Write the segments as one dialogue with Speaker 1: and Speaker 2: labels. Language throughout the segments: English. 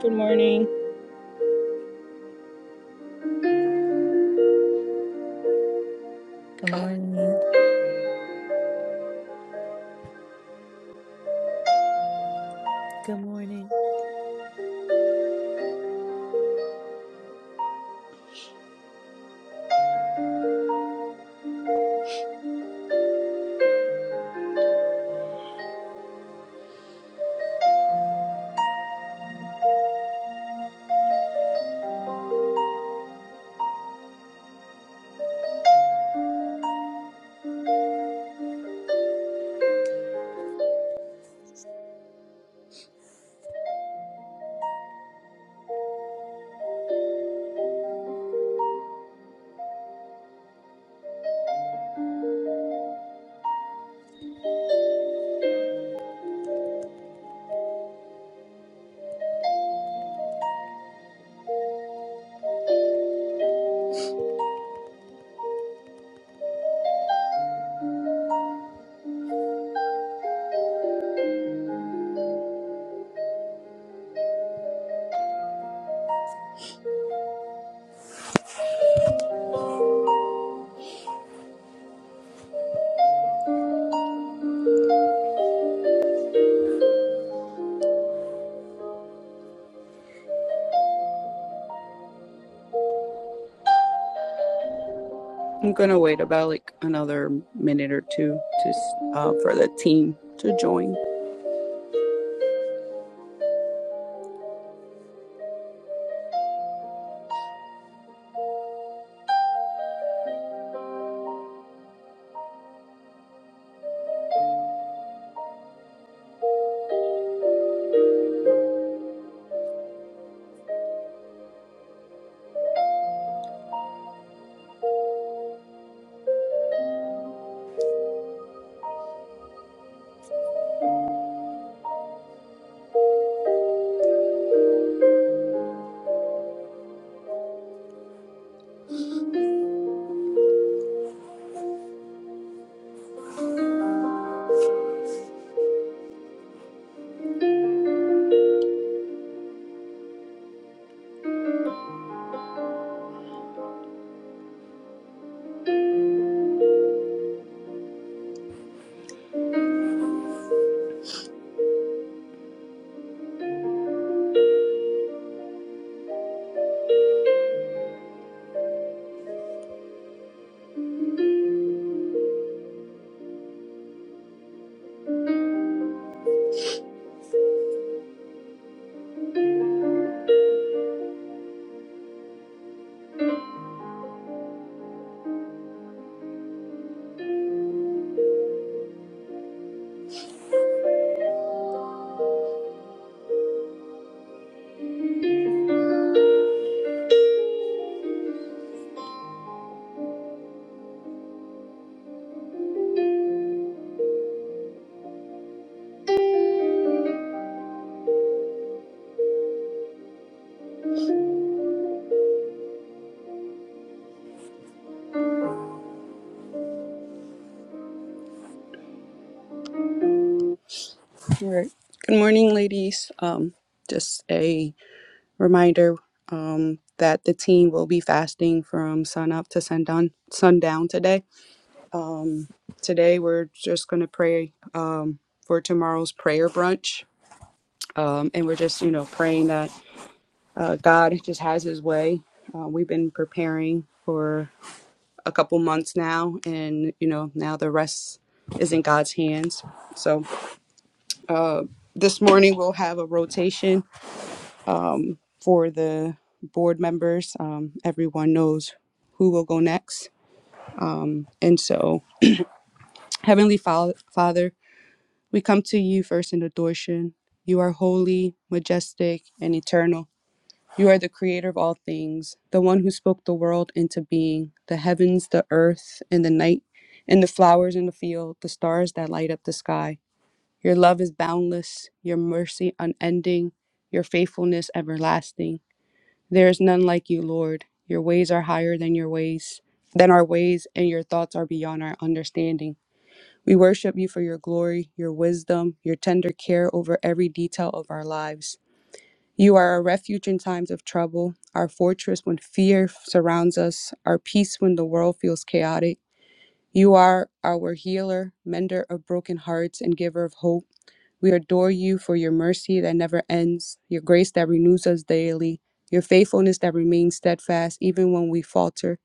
Speaker 1: Good morning.
Speaker 2: Good morning.
Speaker 3: Good morning.
Speaker 1: I'm gonna wait about like another minute or two just uh, for the team to join. All right. Good morning, ladies. Um, just a reminder um, that the team will be fasting from sun up to sundown sundown today. Um, today we're just gonna pray um, for tomorrow's prayer brunch, um, and we're just you know praying that uh, God just has His way. Uh, we've been preparing for a couple months now, and you know now the rest is in God's hands. So uh, this morning we'll have a rotation for the board members. Um, everyone knows who will go next, and so Heavenly Fa- Father, we come to you first in adoration. You are holy, majestic, and eternal. You are the creator of all things, the one who spoke the world into being, the heavens, the earth, and the night, and the flowers in the field, the stars that light up the sky. Your love is boundless, your mercy unending, your faithfulness everlasting. There is none like you, Lord. Your ways are higher than your ways, than our ways, and your thoughts are beyond our understanding. We worship you for your glory, your wisdom, your tender care over every detail of our lives. You are our refuge in times of trouble, our fortress when fear surrounds us, our peace when the world feels chaotic. You are our healer, mender of broken hearts, and giver of hope. We adore you for your mercy that never ends, your grace that renews us daily, your faithfulness that remains steadfast even when we falter.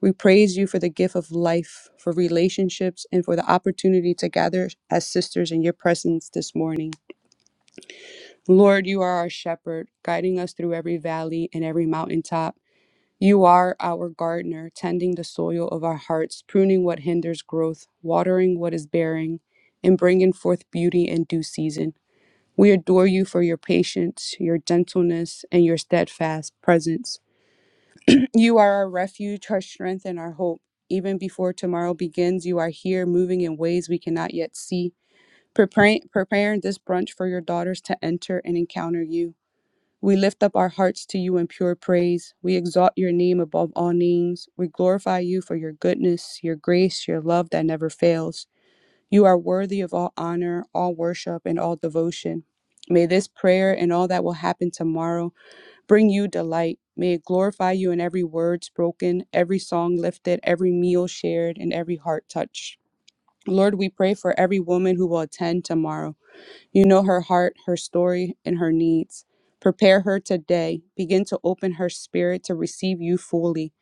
Speaker 1: We praise you for the gift of life, for relationships, and for the opportunity to gather as sisters in your presence this morning. Lord, you are our shepherd, guiding us through every valley and every mountaintop. You are our gardener, tending the soil of our hearts, pruning what hinders growth, watering what is bearing, and bringing forth beauty in due season. We adore you for your patience, your gentleness, and your steadfast presence. You are our refuge, our strength, and our hope. Even before tomorrow begins, you are here moving in ways we cannot yet see, preparing, preparing this brunch for your daughters to enter and encounter you. We lift up our hearts to you in pure praise. We exalt your name above all names. We glorify you for your goodness, your grace, your love that never fails. You are worthy of all honor, all worship, and all devotion. May this prayer and all that will happen tomorrow bring you delight. May it glorify you in every word spoken, every song lifted, every meal shared, and every heart touched. Lord, we pray for every woman who will attend tomorrow. You know her heart, her story, and her needs. Prepare her today. Begin to open her spirit to receive you fully.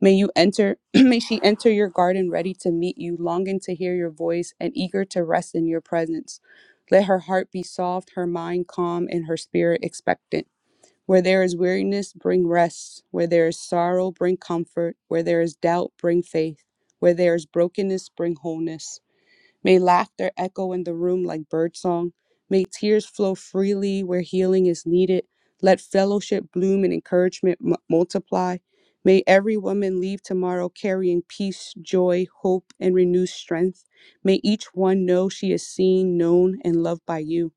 Speaker 1: May you enter, may she enter your garden ready to meet you, longing to hear your voice and eager to rest in your presence. Let her heart be soft, her mind calm, and her spirit expectant. Where there is weariness, bring rest. Where there is sorrow, bring comfort. Where there is doubt, bring faith. Where there is brokenness, bring wholeness. May laughter echo in the room like birdsong. May tears flow freely where healing is needed. Let fellowship bloom and encouragement mu- multiply. May every woman leave tomorrow carrying peace, joy, hope, and renewed strength. May each one know she is seen, known, and loved by you.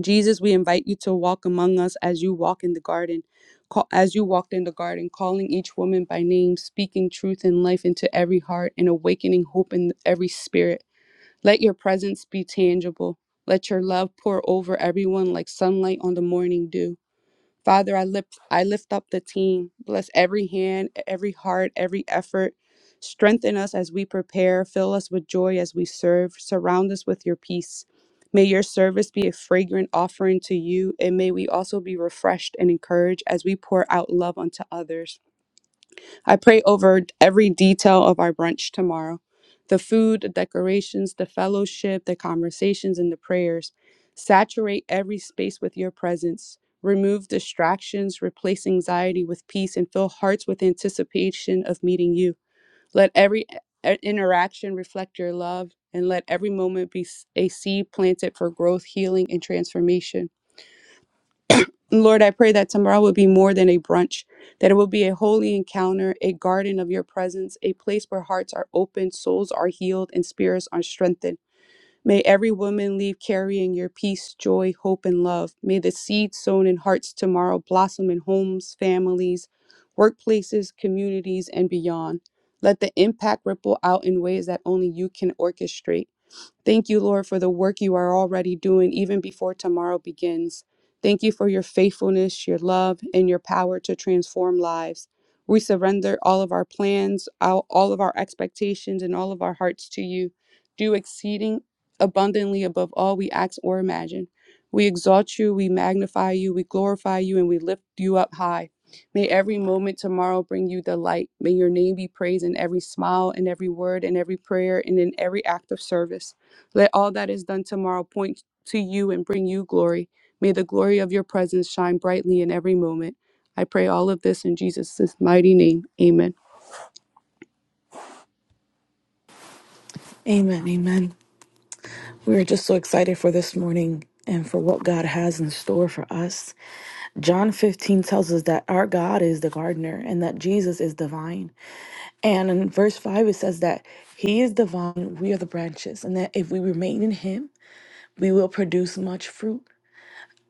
Speaker 1: Jesus, we invite you to walk among us as you walk in the garden. Call, as you walked in the garden, calling each woman by name, speaking truth and life into every heart, and awakening hope in every spirit. Let your presence be tangible. Let your love pour over everyone like sunlight on the morning dew. Father, I lift I lift up the team. Bless every hand, e, every heart, every effort. Strengthen us as we prepare. Fill us with joy as we serve. Surround us with your peace. May your service be a fragrant offering to you, and may we also be refreshed and encouraged as we pour out love unto others. I pray over every detail of our brunch tomorrow the food, the decorations, the fellowship, the conversations, and the prayers. Saturate every space with your presence. Remove distractions, replace anxiety with peace, and fill hearts with anticipation of meeting you. Let every i- interaction reflect your love, and let every moment be s- a seed planted for growth, healing, and transformation. Lord, I pray that tomorrow will be more than a brunch, that it will be a holy encounter, a garden of your presence, a place where hearts are opened, souls are healed, and spirits are strengthened. May every woman leave carrying your peace, joy, hope, and love. May the seed sown in hearts tomorrow blossom in homes, families, workplaces, communities, and beyond. Let the impact ripple out in ways that only you can orchestrate. Thank you, Lord, for the work you are already doing even before tomorrow begins. Thank you for your faithfulness, your love, and your power to transform lives. We surrender all of our plans, all all of our expectations, and all of our hearts to you. Do exceeding abundantly above all we ask or imagine. We exalt you, we magnify you, we glorify you, and we lift you up high. May every moment tomorrow bring you delight. May your name be praised in every smile, in every word, in every prayer, and in every act of service. Let all that is done tomorrow point to you and bring you glory. May the glory of your presence shine brightly in every moment. I pray all of this in Jesus' mighty name. Amen.
Speaker 4: Amen. Amen. We're just so excited for this morning and for what God has in store for us. John 15 tells us that our God is the gardener and that Jesus is divine. And in verse 5, it says that he is divine, we are the branches, and that if we remain in him, we will produce much fruit.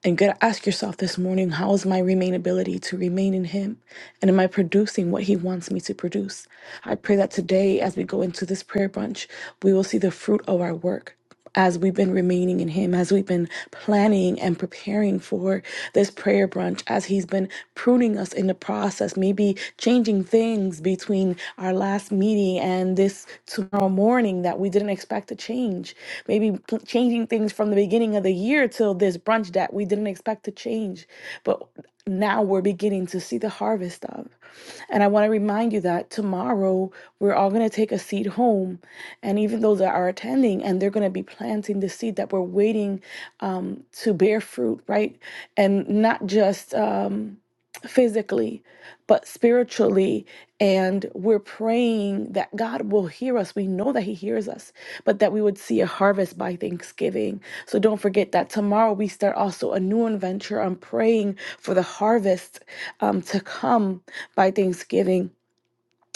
Speaker 4: And you got to ask yourself this morning how is my remainability to remain in Him? And am I producing what He wants me to produce? I pray that today, as we go into this prayer bunch, we will see the fruit of our work. As we've been remaining in Him, as we've been planning and preparing for this prayer brunch, as He's been pruning us in the process, maybe changing things between our last meeting today and this tomorrow morning that we didn't expect to change. Maybe pl- changing things from the beginning of the year till this brunch that we didn't expect to change. But now we're beginning to see the harvest of. And I want to remind you that tomorrow we're all going to take a seed home. And even those that are attending, and they're going to be planting the seed that we're waiting um, to bear fruit, right? And not just um, physically, but spiritually. And we're praying that God will hear us. We know that He hears us, but that we would see a harvest by Thanksgiving. So don't forget that tomorrow we start also a new adventure. I'm praying for the harvest um, to come by Thanksgiving.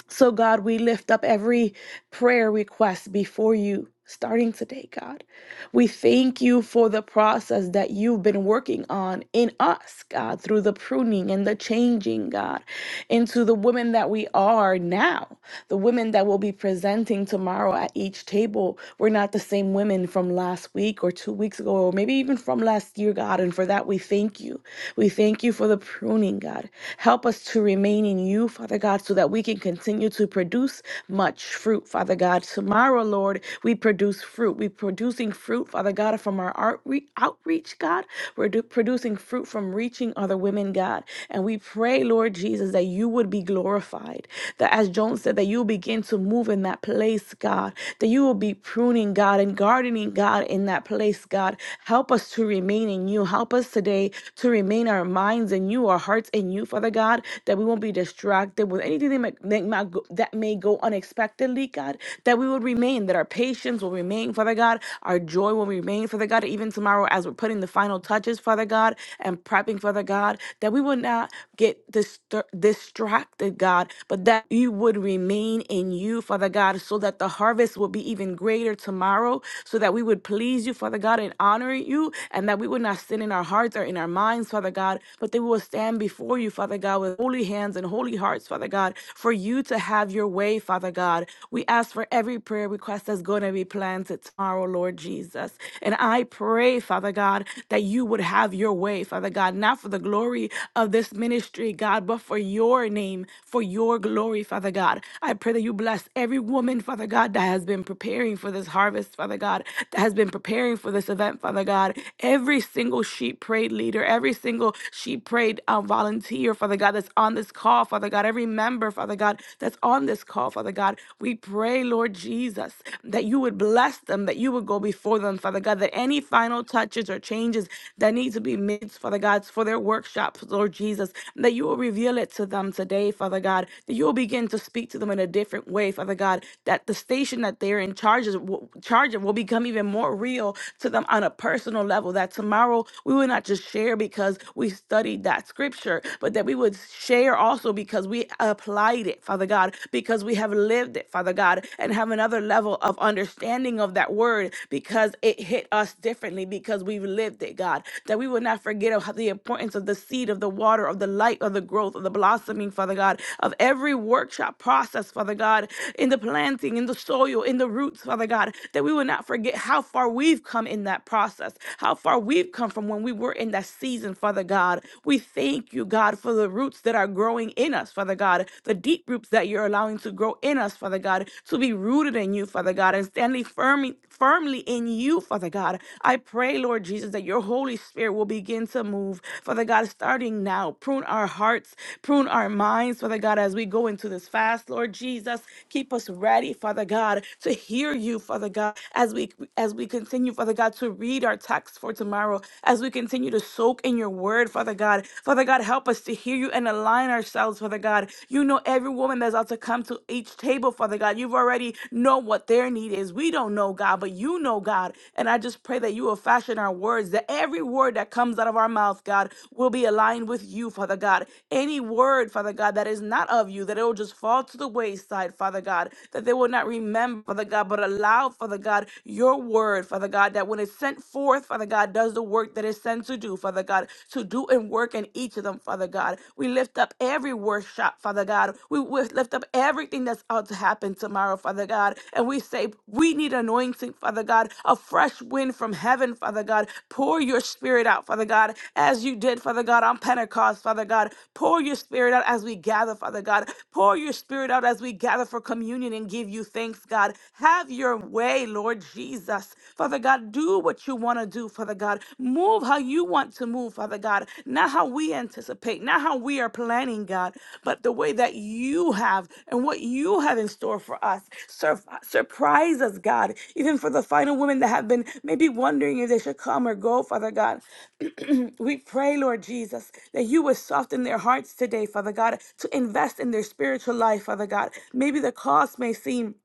Speaker 4: So, God, we lift up every prayer request before you starting today, God. We thank you for the process that you've been working on in us, God, through the pruning and the changing, God, into the women that we are now, the women that will be presenting tomorrow at each table. We're not the same women from last week or two weeks ago, or maybe even from last year, God. And for that, we thank you. We thank you for the pruning, God. Help us to remain in you, Father God, so that we can continue to produce much fruit, Father God. Tomorrow, Lord, we we produce fruit. We're producing fruit, Father God, from our outre- outreach, God. We're do- producing fruit from reaching other women, God. And we pray, Lord Jesus, that you would be glorified. That as Joan said, that you'll begin to move in that place, God. That you will be pruning, God, and gardening, God, in that place, God. Help us to remain in you. Help us today to remain our minds in you, our hearts in you, Father God, that we won't be distracted with anything that might, that might go that may go unexpectedly, God. God, that we would remain, that our patience will remain, Father God, our joy will remain, Father God, even tomorrow as we're putting the final touches, Father God, and prepping, Father God, that we would not get distur- distracted, God, but that you would remain in you, Father God, so that the harvest will be even greater tomorrow, so that we would please you, Father God, and honor you, and that we would not sin in our hearts or in our minds, Father God, but that we will stand before you, Father God, with holy hands and holy hearts, Father God, for you to have have your way, Father God. We ask for every prayer request that's going to be planted tomorrow, Lord Jesus. And I pray, Father God, that you would have your way, Father God, not for the glory of this ministry, God, but for your name, for your glory, Father God. I pray that you bless every woman, Father God, that has been preparing for this harvest, Father God, that has been preparing for this event, Father God. Every single sheep prayed leader, every single sheep prayed uh, volunteer, Father God, that's on this call, Father. Father God, every member, Father God, that's on this call, Father God. We pray, Lord Jesus, that you would bless them, that you would go before them, Father God, that any final touches or changes that need to be made, Father God, for their workshops, Lord Jesus, that you will reveal it to them today, Father God, that you will begin to speak to them in a different way, Father God, that the station that they're in charge, is, charge of will become even more real to them on a personal level, that tomorrow we will not just share because we studied that scripture, word, but that we would share also because we applied it, Father God, because we have lived it, Father God, and have another level of understanding of that word because it hit us differently because we've lived it, God. That we would not forget of the importance of the seed, of the water, of the light, of the growth, of the blossoming, Father God, of every workshop process, Father God, in the planting, in the soil, in the roots, Father God, that we would not forget how far we've come in that process, how far we've come from when we were in that season season, Father God. We thank you, God, for the roots that are growing in us, Father God, the deep roots that you're allowing to grow in us, Father God, to be rooted in you, Father God, and standing firmly, firmly in you, Father God. I pray, Lord Jesus, that your Holy Spirit will begin to move, Father God, starting now. Prune our hearts, prune our minds, Father God, as we go into this fast, Lord Jesus. Keep us ready, Father God, to hear you, Father God, as we as we continue, Father God, to read our text for tomorrow tomorrow as we continue to soak in your word, Father God. Father God, help us to hear you and align ourselves, Father God. You know every woman that's out to come to each table, Father God. You've already know what their need is. We don't know, God, but you know, God. And I just pray that you will fashion our words, that every word that comes out of our mouth, God, will be aligned with you, Father God. Any word, Father God, that is not of you, that it will just fall to the wayside, Father God, that they will not remember, Father God, but allow, Father God, your word, Father God. God, that when it's sent forth, Father God, does the work that it's sent to do, Father God, to do and work in each of them, Father God. We lift up every workshop, Father God. We wi- lift up everything that's out to happen tomorrow, Father God. And we say, we need anointing, Father God, a fresh wind from heaven, Father God. Pour your spirit out, Father God, as you did, Father God, on Pentecost, Father God. Pour your spirit out as we gather, Father God. Pour your spirit out as we gather for communion and give you thanks, God. Have your way way, Lord Jesus. Father God, do what you want to do, Father God. Move how you want to move, Father God. Not how we anticipate, not how we are planning, God, but the way that you have and what you have in store for us. Sur- surprise us, God, even for the final women that have been maybe wondering if they should come or go, Father God. we pray, Lord Jesus, that you would soften their hearts today, Father God, to invest in their spiritual life, Father God. Maybe the cost may seem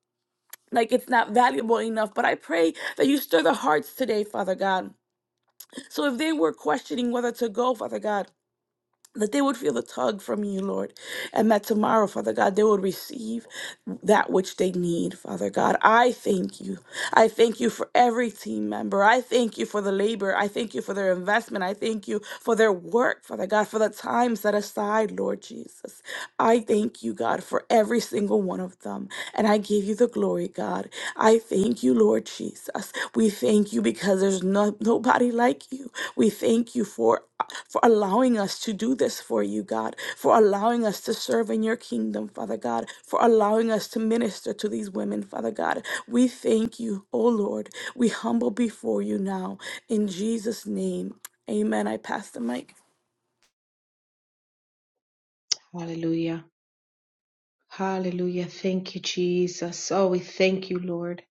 Speaker 4: like it's not valuable enough. But I pray that you stir the hearts today, Father God. So if they were questioning whether to go, Father God, that they would feel the tug from you, Lord, and that tomorrow, Father God, they would receive that which they need, Father God. I thank you. I thank you for every team member. I thank you for the labor. I thank you for their investment. I thank you for their work, Father God, for the time set aside, Lord Jesus. I thank you, God, for every single one of them. And I give you the glory, God. I thank you, Lord Jesus. We thank you because there's no, nobody like you. We thank you for for allowing us to do this for you, God, for allowing us to serve in your kingdom, Father God, for allowing us to minister to these women, Father God. We thank you, O Lord. We humble before you now in Jesus name. Amen. I pass the mic.
Speaker 5: Hallelujah. Hallelujah. Thank you, Jesus. Oh, we thank you, Lord.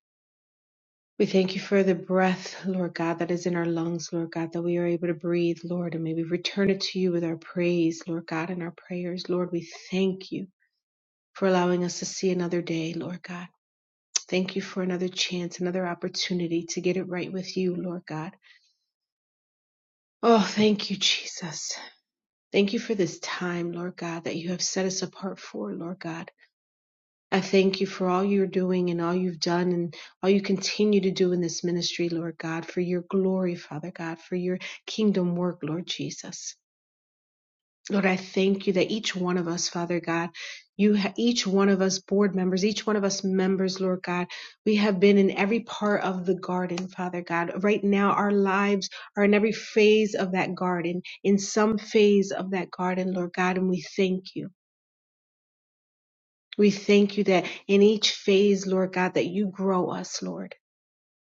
Speaker 5: We thank you for the breath, Lord God, that is in our lungs, Lord God, that we are able to breathe, Lord. And may we return it to you with our praise, Lord God, and our prayers. Lord, we thank you for allowing us to see another day, Lord God. Thank you for another chance, another opportunity to get it right with you, Lord God. Oh, thank you, Jesus. Thank you for this time, Lord God, that you have set us apart for, Lord God. I thank you for all you're doing and all you've done and all you continue to do in this ministry, Lord God, for your glory, Father God, for your kingdom work, Lord Jesus. Lord, I thank you that each one of us, Father God, you ha- each one of us board members, each one of us members, Lord God, we have been in every part of the garden, Father God. Right now, our lives are in every phase of that garden, in some phase of that garden, Lord God, and we thank you. We thank you that in each phase, Lord God, that you grow us, Lord,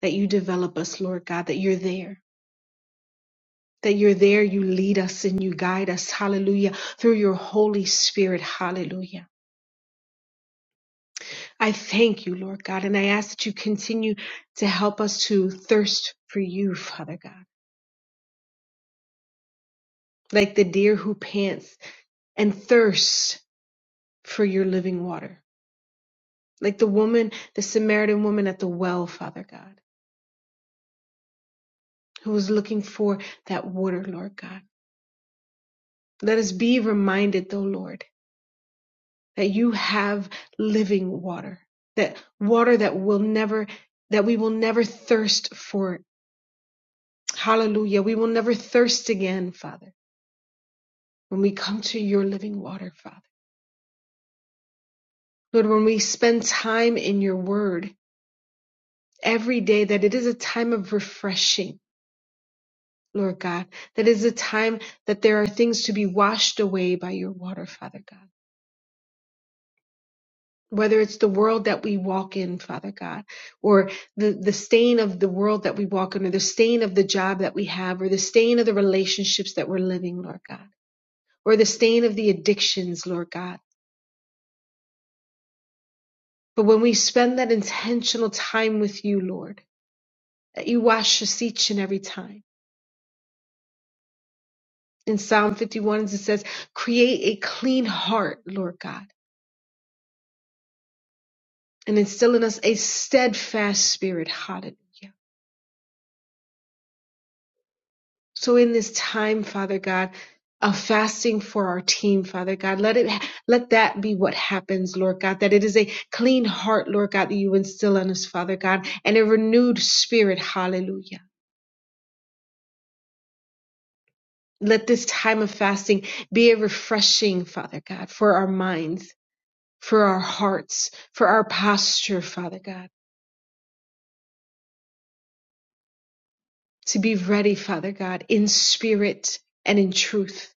Speaker 5: that you develop us, Lord God, that you're there. That you're there, you lead us and you guide us, hallelujah, through your Holy Spirit, hallelujah. I thank you, Lord God, and I ask that you continue to help us to thirst for you, Father God, like the deer who pants and thirsts for your living water, like the woman, the Samaritan woman at the well, Father God, who was looking for that water, Lord God. Let us be reminded, though, Lord, that you have living water, that water that will never, that we will never thirst for. Hallelujah. We will never thirst again, Father, when we come to your living water, Father. Lord, when we spend time in your word every day, that it is a time of refreshing, Lord God, that is a time that there are things to be washed away by your water, Father God. whether it's the world that we walk in, Father God, or the, the stain of the world that we walk in, or the stain of the job that we have, or the stain of the relationships that we're living, Lord God, or the stain of the addictions, Lord God. But when we spend that intentional time with you, Lord, that you wash us each and every time. In Psalm 51, it says, create a clean heart, Lord God, and instill in us a steadfast spirit. Hallelujah. So in this time, Father God, of fasting for our team, Father God, let it, let that be what happens, Lord God, that it is a clean heart, Lord God, that you instill in us, Father God, and a renewed spirit. Hallelujah. Let this time of fasting be a refreshing, Father God, for our minds, for our hearts, for our posture, Father God, to be ready, Father God, in spirit and in truth.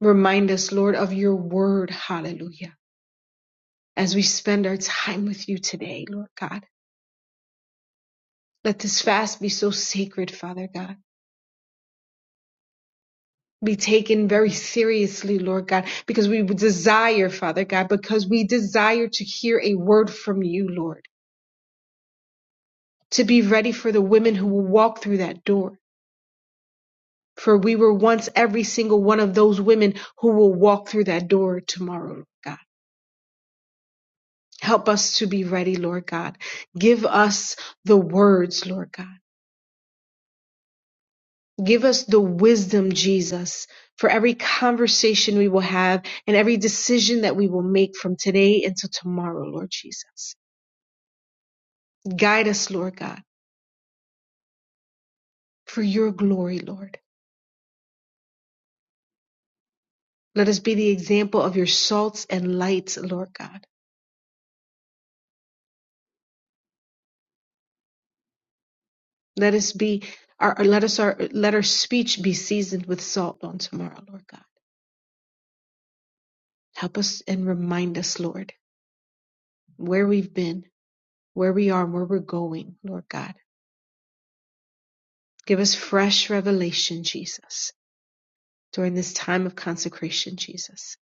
Speaker 5: Remind us, Lord, of your word. Hallelujah as we spend our time with you today, Lord God. Let this fast be so sacred, Father God. Be taken very seriously, Lord God, because we desire, Father God, because we desire to hear a word from you, Lord, to be ready for the women who will walk through that door. For we were once every single one of those women who will walk through that door tomorrow, Lord God. Help us to be ready, Lord God. Give us the words, Lord God Give us the wisdom, Jesus, for every conversation we will have and every decision that we will make from today until tomorrow, Lord Jesus. Guide us, Lord God, for your glory, Lord. Let us be the example of your salts and lights, Lord God. Let us be our let us our let our speech be seasoned with salt on tomorrow, Lord God. Help us and remind us, Lord, where we've been, where we are, and where we're going, Lord God. Give us fresh revelation, Jesus. during this time of consecration, Jesus.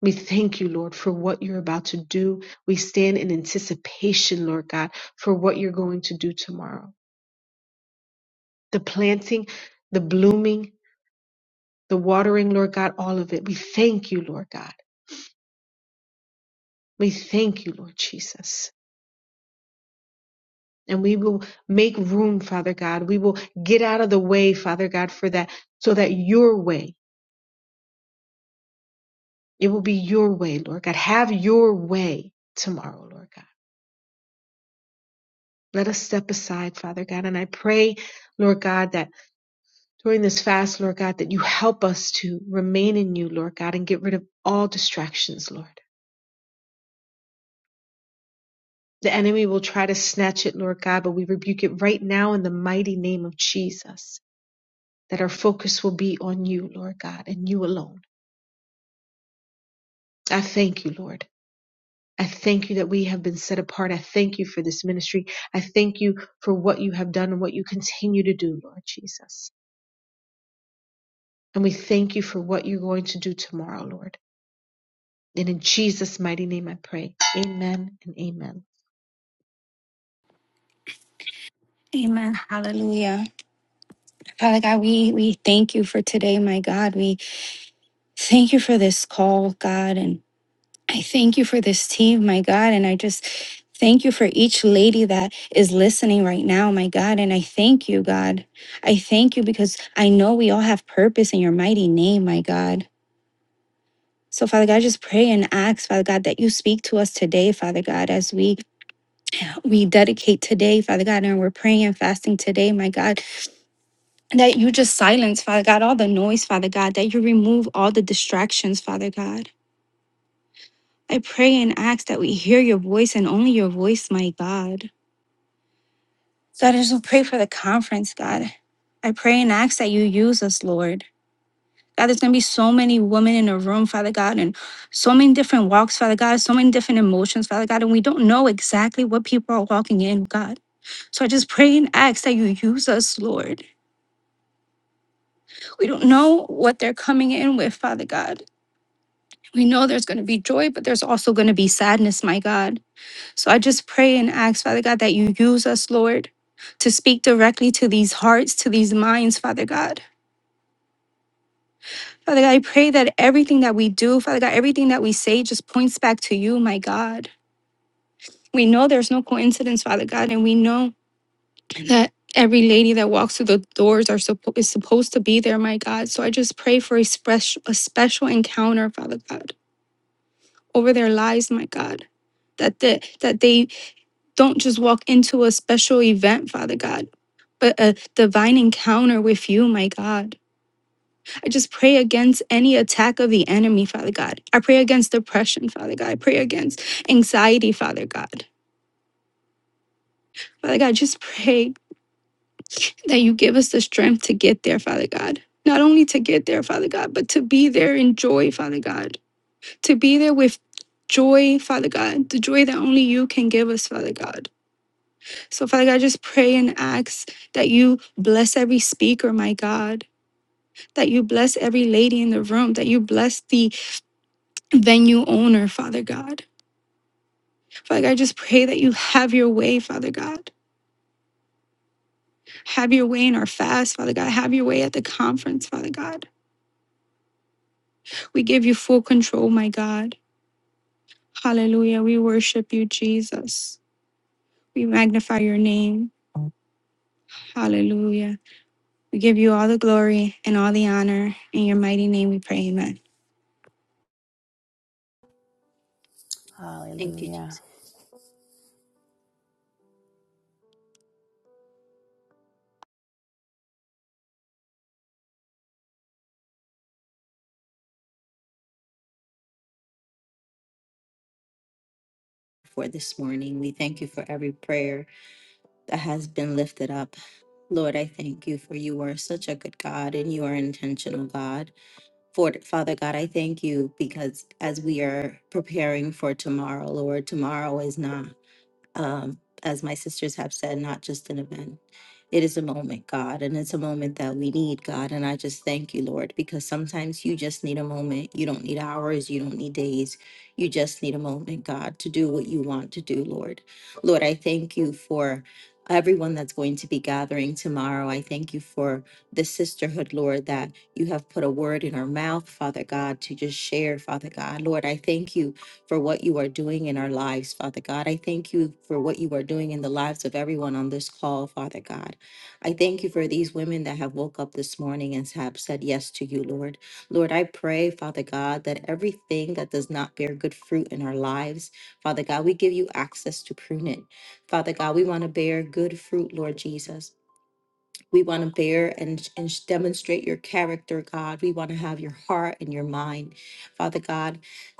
Speaker 5: We thank you, Lord, for what you're about to do. We stand in anticipation, Lord God, for what you're going to do tomorrow. The planting, the blooming, the watering, Lord God, all of it. We thank you, Lord God. We thank you, Lord Jesus. And we will make room, Father God. We will get out of the way, Father God, for that, so that your way, it will be your way, Lord God. Have your way tomorrow, Lord God. Let us step aside, Father God. And I pray, Lord God, that during this fast, Lord God, that you help us to remain in you, Lord God, and get rid of all distractions, Lord. The enemy will try to snatch it, Lord God, but we rebuke it right now in the mighty name of Jesus, that our focus will be on you, Lord God, and you alone. I thank you, Lord. I thank you that we have been set apart. I thank you for this ministry. I thank you for what you have done and what you continue to do, Lord Jesus. And we thank you for what you're going to do tomorrow, Lord. And in Jesus' mighty name I pray. Amen and amen.
Speaker 6: Amen. Hallelujah. Father God, we, we thank you for today, my God. We thank you for this call, God. And I thank you for this team, my God. And I just thank you for each lady that is listening right now, my God. And I thank you, God. I thank you because I know we all have purpose in your mighty name, my God. So, Father God, I just pray and ask, Father God, that you speak to us today, Father God, as we we dedicate today, Father God, and we're praying and fasting today, my God. that you just silence, Father God, all the noise, Father God, that you remove all the distractions, Father God. I pray and ask that we hear your voice and only your voice, my God. God, I just pray for the conference, God. I pray and ask that you use us, Lord. God, there's going to be so many women in a room, Father God, and so many different walks, Father God, so many different emotions, Father God, and we don't know exactly what people are walking in, God. So I just pray and ask that you use us, Lord. We don't know what they're coming in with, Father God. We know there's going to be joy, but there's also going to be sadness, my God. So I just pray and ask, Father God, that you use us, Lord, to speak directly to these hearts, to these minds, Father God. Father God, I pray that everything that we do, Father God, everything that we say just points back to you, my God. We know there's no coincidence, Father God, and we know that every lady that walks through the doors are suppo- is supposed to be there, my God. So I just pray for a, special a special encounter, Father God, over their lives, my God that the, that they Don't just walk into a special event, Father God, but a divine encounter with you, my God. I just pray against any attack of the enemy, Father God. I pray against depression, Father God. I pray against anxiety, Father God. Father God, just pray that you give us the strength to get there, Father God. Not only to get there, Father God, but to be there in joy, Father God. To be there with joy, Father God. The joy that only you can give us, Father God So, Father God, I just pray and ask that you bless every speaker, my God, that you bless every lady in the room, that you bless the venue owner, Father God. Father God, I just pray that you have your way, Father God. Have your way in our fast, Father God. Have your way at the conference, Father God. We give you full control, my God. Hallelujah. We worship you, Jesus. We magnify your name. Hallelujah. We give you all the glory and all the honor. In your mighty name we pray, amen.
Speaker 2: Thank you,
Speaker 3: Hallelujah.
Speaker 2: Jesus, for this morning. We thank you for every prayer that has been lifted up. Lord, I thank you for you are such a good God and you are intentional God. For Father God, I thank you because as we are preparing for tomorrow, Lord, tomorrow is not. um, as my sisters have said, not just an event. It is a moment, God, and it's a moment that we need, God. And I just thank you, Lord, because sometimes you just need a moment. You don't need hours, you don't need days. You just need a moment, God, to do what you want to do, Lord. Lord, I thank you for everyone that's going to be gathering tomorrow. I thank you for the sisterhood, Lord, that you have put a word in our mouth, Father God, to just share, Father God. Lord, I thank you for what you are doing in our lives, Father God. I thank you for what you are doing in the lives of everyone on this call, Father God. I thank you for these women that have woke up this morning and have said yes to you, Lord. Lord, I pray, Father God, that everything that does not bear good fruit in our lives, Father God, we give you access to prune it. Father God, we want to bear good fruit, Lord Jesus. We want to bear and, and sh- demonstrate your character, God. We want to have your heart and your mind, Father God,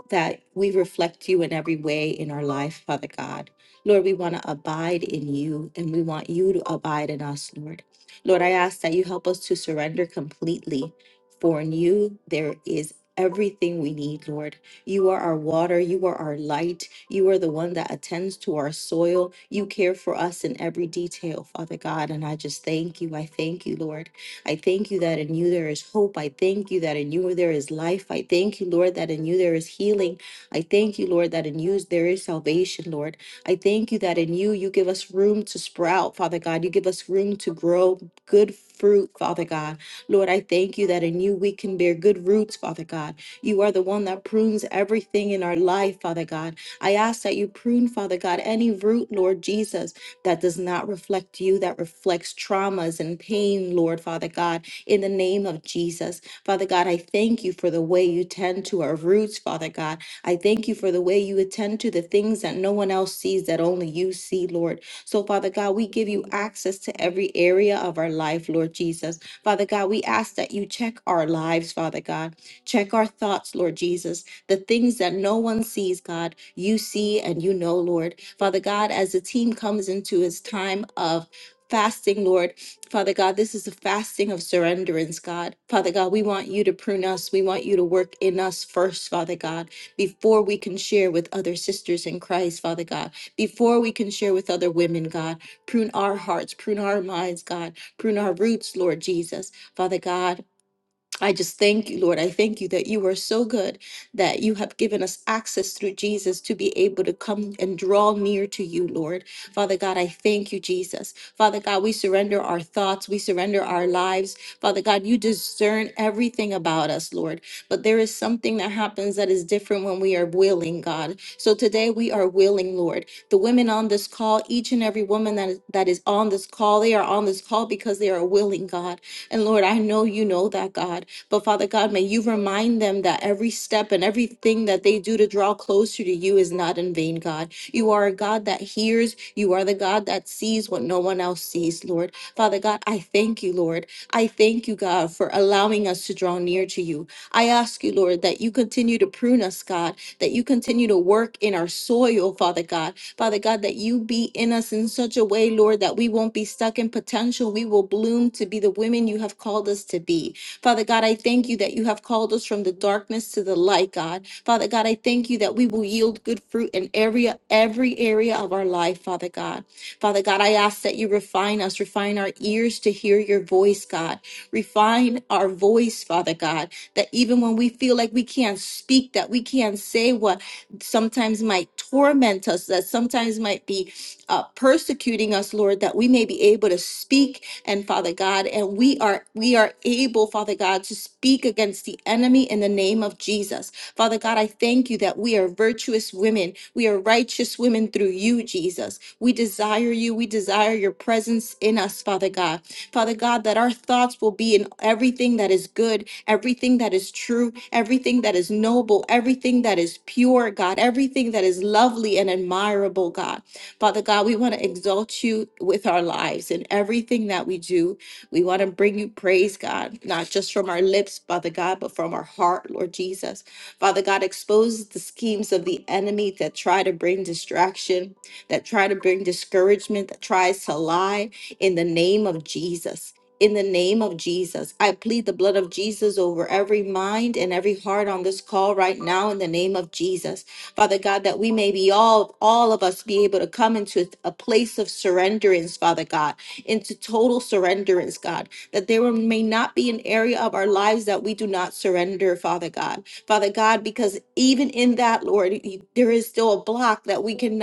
Speaker 2: that we reflect you in every way in our life, Father God. Lord, we want to abide in you and we want you to abide in us, Lord. Lord, I ask that you help us to surrender completely. For in you, there is everything we need, Lord. You are our water. You are our light. You are the one that attends to our soil. You care for us in every detail, Father God. And I just thank you. I thank you, Lord. I thank you that in you there is hope. I thank you that in you there is life. I thank you, Lord, that in you there is healing. I thank you, Lord, that in you there is salvation, Lord. I thank you that in you you give us room to sprout, Father God. You give us room to grow good fruit, Father God. Lord, I thank you that in you we can bear good roots, Father God. You are the one that prunes everything in our life, Father God. I ask that you prune, Father God, any root, Lord Jesus, that does not reflect you, that reflects traumas and pain, Lord, Father God, in the name of Jesus. Father God, I thank you for the way you tend to our roots, Father God. I thank you for the way you attend to the things that no one else sees, that only you see, Lord. So, Father God, we give you access to every area of our life, Lord Jesus. Father God, we ask that you check our lives, Father God. Check our thoughts, Lord Jesus. The things that no one sees, God, you see and you know, Lord. Father God, as the team comes into its time of fasting, Lord, Father God, this is a fasting of surrenderance, God. Father God, we want you to prune us. We want you to work in us first, Father God, before we can share with other sisters in Christ, Father God, before we can share with other women, God. Prune our hearts, prune our minds, God. Prune our roots, Lord Jesus. Father God, I just thank you, Lord. I thank you that you are so good that you have given us access through Jesus to be able to come and draw near to you, Lord. Father God, I thank you, Jesus. Father God, we surrender our thoughts, we surrender our lives. Father God, you discern everything about us, Lord. But there is something that happens that is different when we are willing, God. So today we are willing, Lord. The women on this call, each and every woman that is, that is on this call, they are on this call because they are willing, God. And Lord, I know you know that, God. But Father God, may you remind them that every step and everything that they do to draw closer to you is not in vain, God. You are a God that hears. You are the God that sees what no one else sees, Lord. Father God, I thank you, Lord. I thank you, God, for allowing us to draw near to you. I ask you, Lord, that you continue to prune us, God, that you continue to work in our soil, Father God. Father God, that you be in us in such a way, Lord, that we won't be stuck in potential. We will bloom to be the women you have called us to be. Father God, I thank you that you have called us from the darkness to the light, God. Father God, I thank you that we will yield good fruit in every every area of our life, Father God. Father God, I ask that you refine us, refine our ears to hear your voice, God. Refine our voice, Father God, that even when we feel like we can't speak, that we can't say what sometimes might torment us, that sometimes might be uh, persecuting us, Lord, that we may be able to speak and Father God, and we are we are able, Father God, to speak against the enemy in the name of Jesus. Father God, I thank you that we are virtuous women. We are righteous women through you, Jesus. We desire you. We desire your presence in us, Father God. Father God, that our thoughts will be in everything that is good, everything that is true, everything that is noble, everything that is pure, God, everything that is lovely and admirable, God. Father God, we want to exalt you with our lives in everything that we do. We want to bring you praise, God, not just from our lips, Father God, but from our heart, Lord Jesus. Father God, expose the schemes of the enemy that try to bring distraction, that try to bring discouragement, that tries to lie in the name of Jesus. In the name of Jesus, I plead the blood of Jesus over every mind and every heart on this call right now in the name of Jesus. Father God, that we may be all, all of us be able to come into a place of surrenderance, Father God, into total surrenderance, God, that there may not be an area of our lives that we do not surrender, Father God. Father God, because even in that, Lord, y- there is still a block that we cannot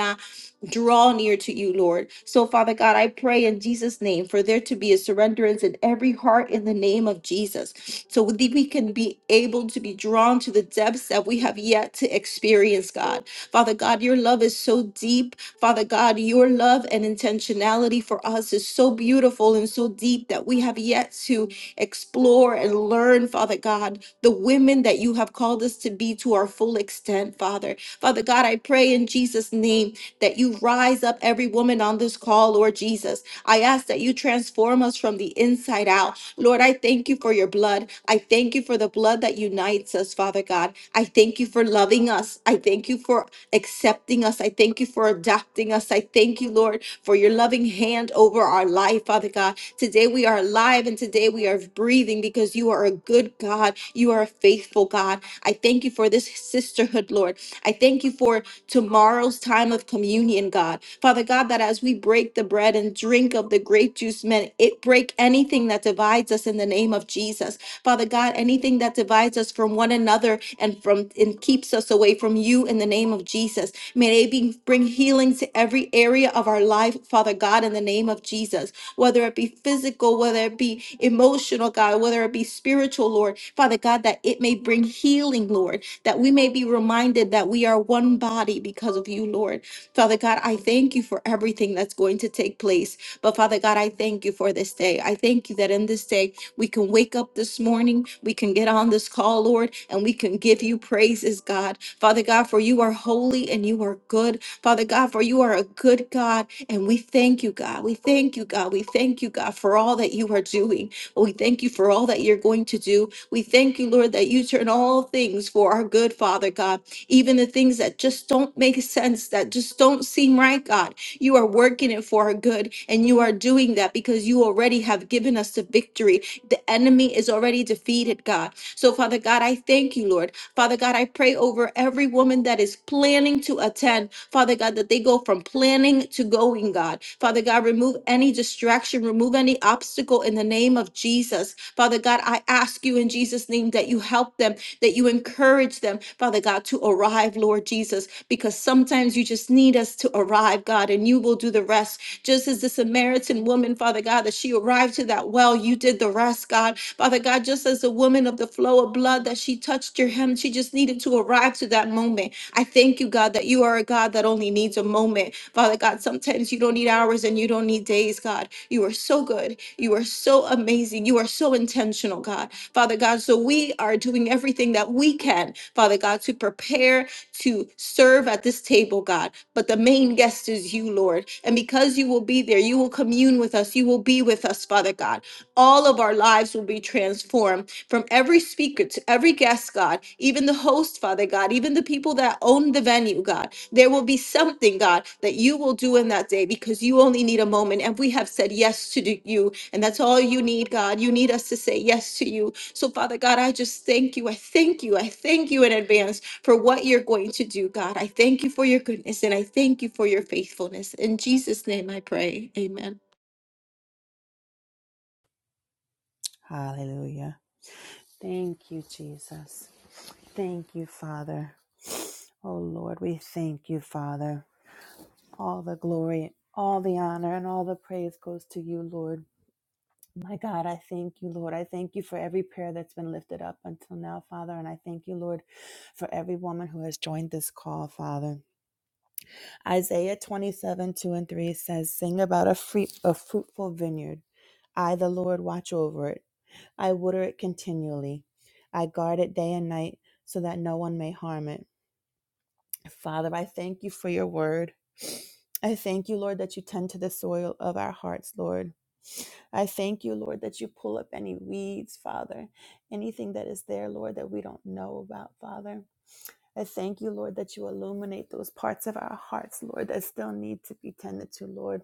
Speaker 2: draw near to you, Lord. So, Father God, I pray in Jesus' name for there to be a surrenderance in every heart in the name of Jesus. So that we can be able to be drawn to the depths that we have yet to experience, God. Father God, your love is so deep. Father God, your love and intentionality for us is so beautiful and so deep that we have yet to explore and learn, Father God, the women that you have called us to be to our full extent, Father. Father God, I pray in Jesus' name that you rise up every woman on this call, Lord Jesus. I ask that you transform us from the inside out. Lord, I thank you for your blood. I thank you for the blood that unites us, Father God. I thank you for loving us. I thank you for accepting us. I thank you for adopting us. I thank you, Lord, for your loving hand over our life, Father God. Today we are alive and today we are breathing because you are a good God. You are a faithful God. I thank you for this sisterhood, Lord. I thank you for tomorrow's time of communion, God. Father God, that as we break the bread and drink of the grape juice, men, it break anything that divides us in the name of Jesus. Father God, anything that divides us from one another and from and keeps us away from you in the name of Jesus. May they be, bring healing to every area of our life, Father God, in the name of Jesus. Whether it be physical, whether it be emotional, God, whether it be spiritual, Lord, Father God, that it may bring healing, Lord that we may be reminded that we are one body because of you, Lord. Father God, I thank you for everything that's going to take place. But Father God, I thank you for this day. I thank you that in this day, we can wake up this morning, we can get on this call, Lord, and we can give you praises, God. Father God, for you are holy and you are good. Father God, for you are a good God. And we thank you, God. We thank you, God. We thank you, God, for all that you are doing. We thank you for all that you're going to do. We thank you, Lord, that you turn all things for our good, Father God. Even the things that just don't make sense, that just don't seem right, God. You are working it for our good, and you are doing that because you already have given us the victory. The enemy is already defeated, God. So, Father God, I thank you, Lord. Father God, I pray over every woman that is planning to attend, Father God, that they go from planning to going, God. Father God, remove any distraction, remove any obstacle in the name of Jesus. Father God, I ask you in Jesus' name that you help them, that you encourage them, Father God, to arrive, Lord Jesus, because sometimes you just need us to arrive, God, and you will do the rest. Just as the Samaritan woman, Father God, that she arrived to that well, you did the rest, God. Father God, just as the woman of the flow of blood that she touched your hem, she just needed to arrive to that moment. I thank you, God, that you are a God that only needs a moment. Father God, sometimes you don't need hours and you don't need days, God. You are so good. You are so amazing. You are so intentional, God. Father God, so we are doing everything that we can, Father God, to prepare to serve at this table, God. But the main guest is you, Lord. And because you will be there, you will commune with us. You will be with us, Father God. All of our lives will be transformed from every speaker to every guest, God, even the host, Father God, even the people that own the venue, God. There will be something, God, that you will do in that day because you only need a moment. And we have said yes to do- you. And that's all you need, God. You need us to say yes to you. So, Father God, I just thank you. I thank you. I thank you in advance for what you're going to do, God. I thank you for your goodness and I thank you for your faithfulness. In Jesus' name I pray. Amen.
Speaker 3: Hallelujah. Thank you, Jesus. Thank you, Father. Oh, Lord, we thank you, Father. All the glory, all the honor, and all the praise goes to you, Lord. My God, I thank you, Lord. I thank you for every prayer that's been lifted up until now, Father. And I thank you, Lord, for every woman who has joined this call, Father. Isaiah 27, 2 and 3 says, Sing about a, free, a fruitful vineyard. I, the Lord, watch over it. I water it continually. I guard it day and night so that no one may harm it. Father, I thank you for your word. I thank you, Lord, that you tend to the soil of our hearts, Lord. I thank you, Lord, that you pull up any weeds, Father, anything that is there, Lord, that we don't know about, Father. I thank you, Lord, that you illuminate those parts of our hearts, Lord, that still need to be tended to, Lord.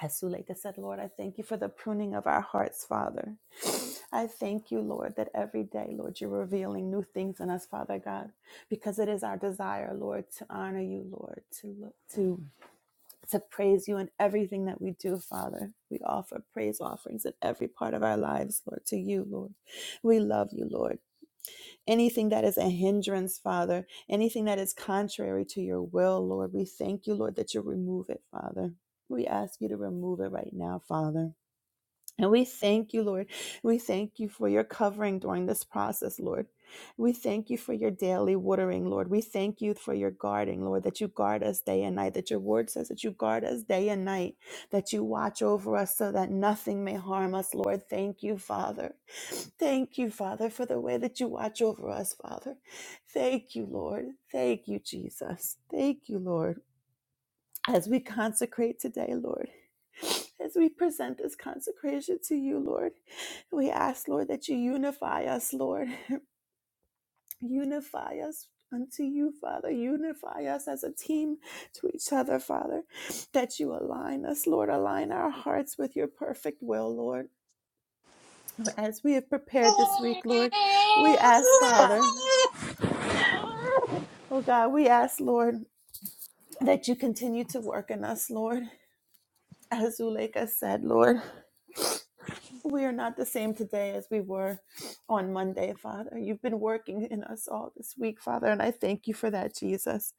Speaker 3: As Suleika said, Lord, I thank you for the pruning of our hearts, Father. I thank you, Lord, that every day, Lord, you're revealing new things in us, Father God, because it is our desire, Lord, to honor you, Lord, to look to to praise you in everything that we do, Father. We offer praise offerings in every part of our lives, Lord, to you, Lord. We love you, Lord anything that is a hindrance, Father, anything that is contrary to your will, Lord. We thank you, Lord, that you remove it, Father. We ask you to remove it right now, Father. And we thank you, Lord. We thank you for your covering during this process, Lord. We thank you for your daily watering, Lord. We thank you for your guarding, Lord, that you guard us day and night, that your word says that you guard us day and night, that you watch over us so that nothing may harm us, Lord. Thank you, Father. Thank you, Father, for the way that you watch over us, Father. Thank you, Lord. Thank you, Jesus. Thank you, Lord as we consecrate today, Lord, as we present this consecration to you, Lord, we ask, Lord, that you unify us, Lord. Unify us unto you, Father. Unify us as a team to each other, Father. That you align us, Lord. Align our hearts with your perfect will, Lord. As we have prepared this week, Lord, we ask, Father,
Speaker 7: Fuck.
Speaker 3: oh God, we ask, Lord, that you continue to work in us, Lord. As Zuleika said, Lord. We are not the same today as we were on Monday, Father. You've been working in us all this week, Father, and I thank you for that, Jesus.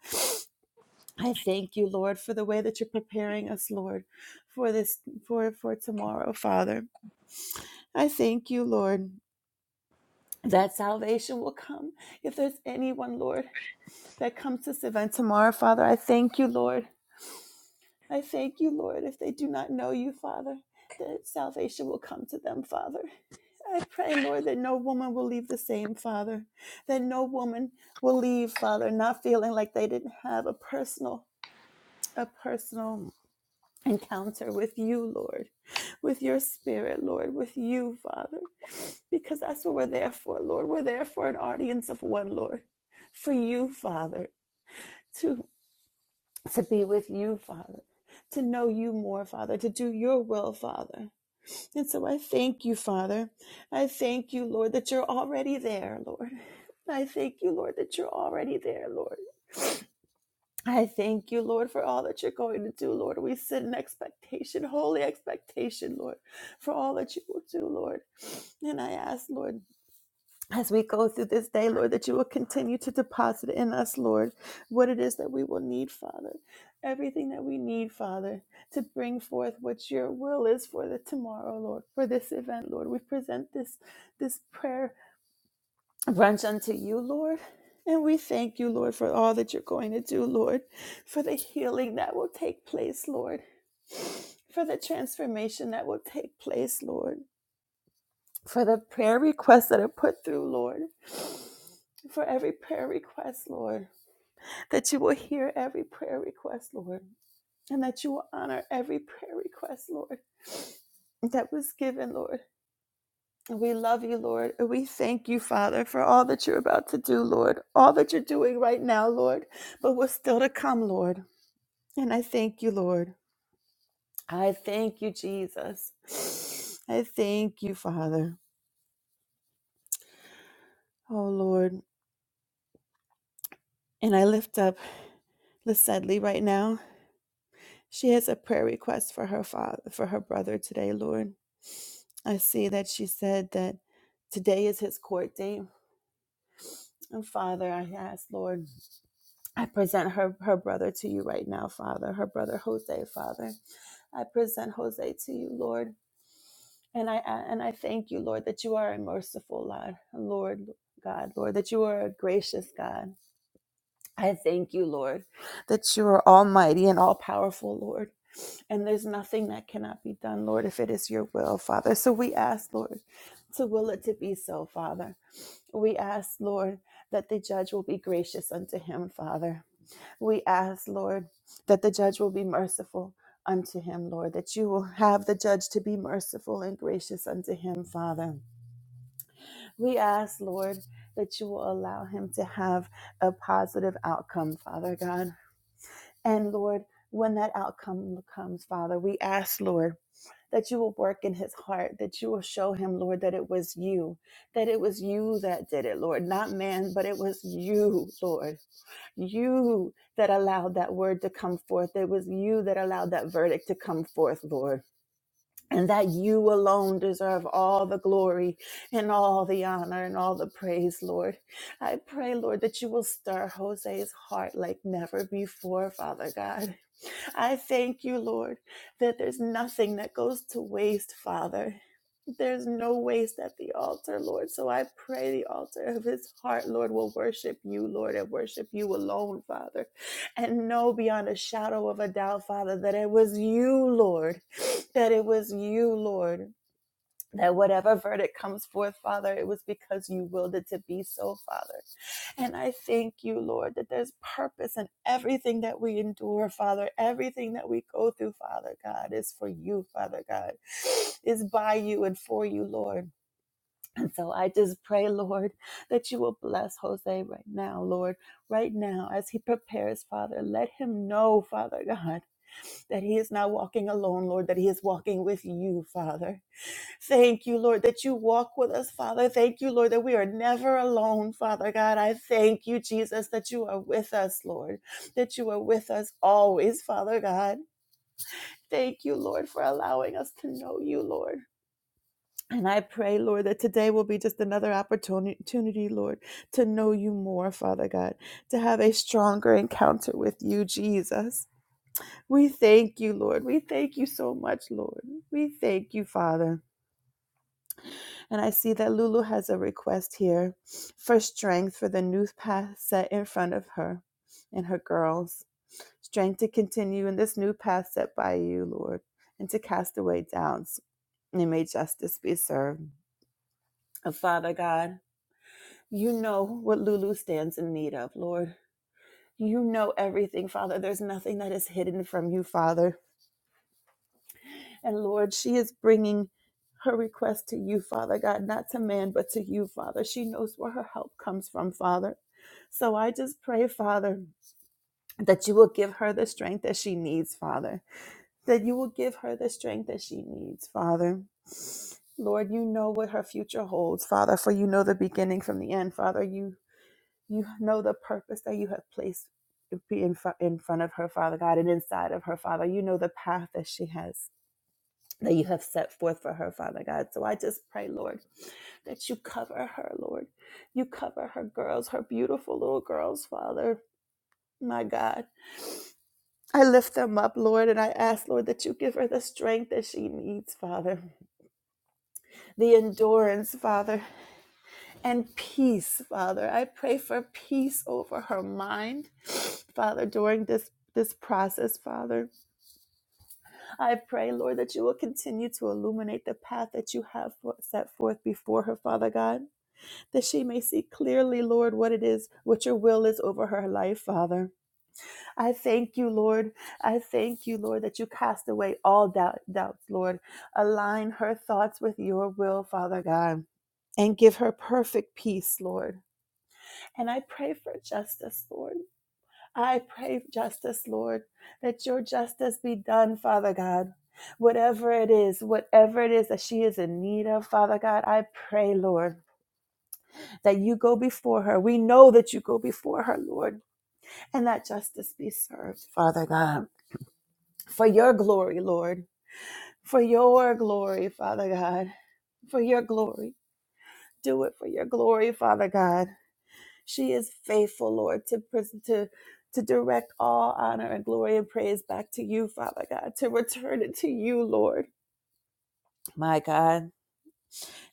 Speaker 3: I thank you, Lord, for the way that you're preparing us, Lord, for this for for tomorrow, Father. I thank you, Lord, that salvation will come. If there's anyone, Lord, that comes to this event tomorrow, Father, I thank you, Lord. I thank you, Lord, if they do not know you, Father, that salvation will come to them, Father. I pray, Lord, that no woman will leave the same, Father. That no woman will leave, Father, not feeling like they didn't have a personal, a personal encounter with you, Lord, with your spirit, Lord, with you, Father. Because that's what we're there for, Lord. We're there for an audience of one, Lord. For you, Father, to to be with you, Father. To know you more, Father, to do your will, Father. And so I thank you, Father. I thank you, Lord, that you're already there, Lord. I thank you, Lord, that you're already there, Lord. I thank you, Lord, for all that you're going to do, Lord. We sit in expectation, holy expectation, Lord, for all that you will do, Lord. And I ask, Lord as we go through this day, Lord, that you will continue to deposit in us, Lord, what it is that we will need, Father. Everything that we need, Father, to bring forth what your will is for the tomorrow, Lord, for this event, Lord. We present this this prayer brunch unto you, Lord. And we thank you, Lord, for all that you're going to do, Lord, for the healing that will take place, Lord, for the transformation that will take place, Lord, for the prayer requests that are put through, Lord. for every prayer request, Lord, that you will hear every prayer request, Lord, and that you will honor every prayer request, Lord, that was given, Lord. We love you, Lord, and we thank you, Father, for all that you're about to do, Lord, all that you're doing right now, Lord, but what's still to come, Lord. And I thank you, Lord. I thank you, Jesus. I thank you, Father. Oh, Lord. And I lift up Lisette Lee right now. She has a prayer request for her father, for her brother today, Lord. I see that she said that today is his court date. And Father, I ask, Lord, I present her, her brother to you right now, Father, her brother Jose, Father. I present Jose to you, Lord. And I and I thank you, Lord, that you are a merciful Lord, Lord God, Lord, that you are a gracious God. I thank you, Lord, that you are almighty and all powerful, Lord. And there's nothing that cannot be done, Lord, if it is your will, Father. So we ask, Lord, to will it to be so, Father. We ask, Lord, that the judge will be gracious unto him, Father. We ask, Lord, that the judge will be merciful unto him, Lord, that you will have the judge to be merciful and gracious unto him, Father. We ask, Lord, that you will allow him to have a positive outcome, Father God. And Lord, when that outcome comes, Father, we ask, Lord, that you will work in his heart, that you will show him, Lord, that it was you, that it was you that did it, Lord, not man, but it was you, Lord, you that allowed that word to come forth. It was you that allowed that verdict to come forth, Lord. And that you alone deserve all the glory and all the honor and all the praise, Lord. I pray, Lord, that you will stir Jose's heart like never before, Father God. I thank you, Lord, that there's nothing that goes to waste, Father. There's no waste at the altar, Lord. So I pray the altar of his heart, Lord, will worship you, Lord, and worship you alone, Father. And know beyond a shadow of a doubt, Father, that it was you, Lord, that it was you, Lord, that whatever verdict comes forth, Father, it was because you willed it to be so, Father. And I thank you, Lord, that there's purpose in everything that we endure, Father. Everything that we go through, Father God, is for you, Father God, is by you and for you, Lord. And so I just pray, Lord, that you will bless Jose right now, Lord, right now as he prepares, Father. Let him know, Father God, that he is not walking alone, Lord, that he is walking with you, Father Thank you, Lord, that you walk with us, Father. Thank you, Lord, that we are never alone, Father God. I thank you, Jesus, that you are with us, Lord, that you are with us always, Father God. Thank you, Lord, for allowing us to know you, Lord. And I pray, Lord, that today will be just another opportunity, Lord, to know you more, Father God, to have a stronger encounter with you, Jesus. We thank you, Lord. We thank you so much, Lord. We thank you, Father. And I see that Lulu has a request here for strength for the new path set in front of her and her girls. Strength to continue in this new path set by you, Lord, and to cast away doubts. And may justice be served. And Father God, you know what Lulu stands in need of, Lord. You know everything, Father. There's nothing that is hidden from you, Father. And Lord, she is bringing her request to you, Father God, not to man, but to you, Father. She knows where her help comes from, Father. So I just pray, Father, that you will give her the strength that she needs, Father. That you will give her the strength that she needs, Father. Lord, you know what her future holds, Father, for you know the beginning from the end, Father. You you know the purpose that you have placed in, fr- in front of her, Father God, and inside of her, Father. You know the path that she has that you have set forth for her, Father God. So I just pray, Lord, that you cover her, Lord. You cover her girls, her beautiful little girls, Father. My God. I lift them up, Lord, and I ask, Lord, that you give her the strength that she needs, Father, the endurance, Father, and peace, Father. I pray for peace over her mind, Father, during this this process, Father. I pray, Lord, that you will continue to illuminate the path that you have set forth before her, Father God. that she may see clearly, Lord, what it is, what your will is over her life, Father. I thank you, Lord. I thank you, Lord, that you cast away all doubt, doubts, Lord. Align her thoughts with your will, Father God and give her perfect peace, Lord. And I pray for justice, Lord. I pray for justice, Lord, that your justice be done, Father God. Whatever it is, whatever it is that she is in need of, Father God, I pray, Lord that you go before her. We know that you go before her, Lord, and that justice be served, Father God, for your glory, Lord, for your glory, Father God, for your glory. Do it for your glory, Father God. She is faithful, Lord, to pres- to to direct all honor and glory and praise back to you, Father God, to return it to you, Lord, my God.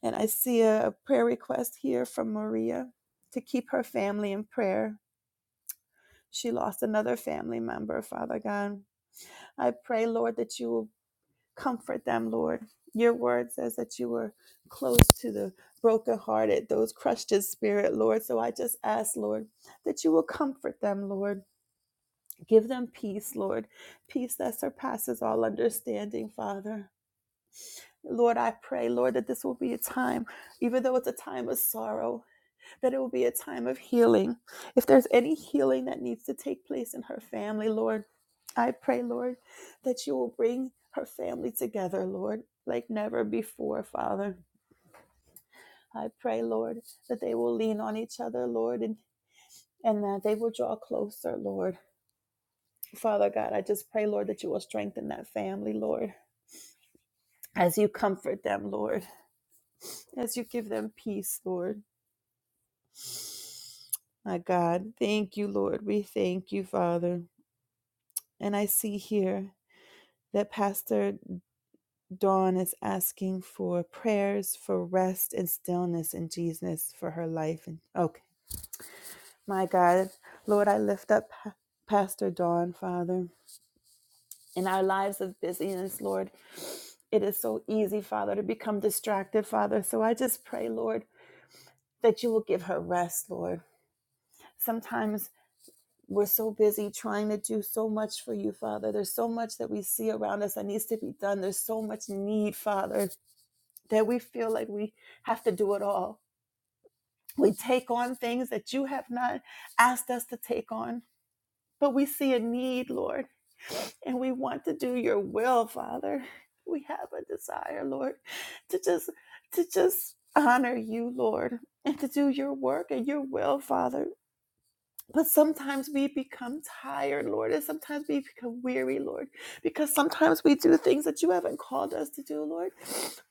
Speaker 3: And I see a prayer request here from Maria to keep her family in prayer. she lost another family member, Father God. I pray, Lord, that you will comfort them, Lord. Your word says that you were close to the brokenhearted, those crushed in spirit, Lord. So I just ask, Lord, that you will comfort them, Lord. Give them peace, Lord, peace that surpasses all understanding, Father. Lord, I pray, Lord, that this will be a time, even though it's a time of sorrow, that it will be a time of healing. If there's any healing that needs to take place in her family, Lord, I pray, Lord, that you will bring her family together, Lord, like never before, Father. I pray, Lord, that they will lean on each other, Lord, and, and that they will draw closer, Lord. Father God, I just pray, Lord, that you will strengthen that family, Lord, as you comfort them, Lord, as you give them peace, Lord. My God, thank you, Lord. We thank you, Father. And I see here. that Pastor Dawn is asking for prayers for rest and stillness in Jesus for her life. And okay, my God, Lord, I lift up Pa- Pastor Dawn, Father, in our lives of busyness, Lord. It is so easy, Father, to become distracted, Father. So I just pray, Lord, that you will give her rest, Lord. Sometimes we're so busy trying to do so much for you, Father. There's so much that we see around us that needs to be done. There's so much need, Father. that we feel like we have to do it all. We take on things that you have not asked us to take on, but we see a need, Lord, and we want to do your will, Father. We have a desire, Lord, to just to just honor you, Lord, and to do your work and your will, Father. But sometimes we become tired, Lord, and sometimes we become weary, Lord, because sometimes we do things that you haven't called us to do, Lord,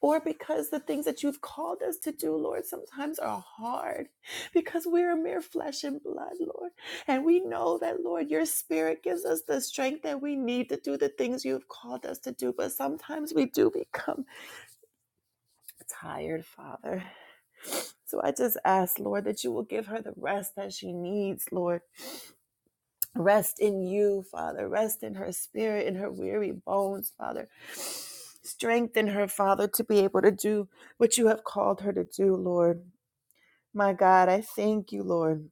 Speaker 3: or because the things that you've called us to do, Lord, sometimes are hard because we're mere flesh and blood, Lord. And we know that, Lord, your spirit gives us the strength that we need to do the things you've called us to do, but sometimes we do become tired, Father. So I just ask, Lord, that you will give her the rest that she needs, Lord Rest in you, Father. Rest in her spirit, in her weary bones, Father. Strengthen her, Father, to be able to do what you have called her to do, Lord. My God, I thank you, Lord.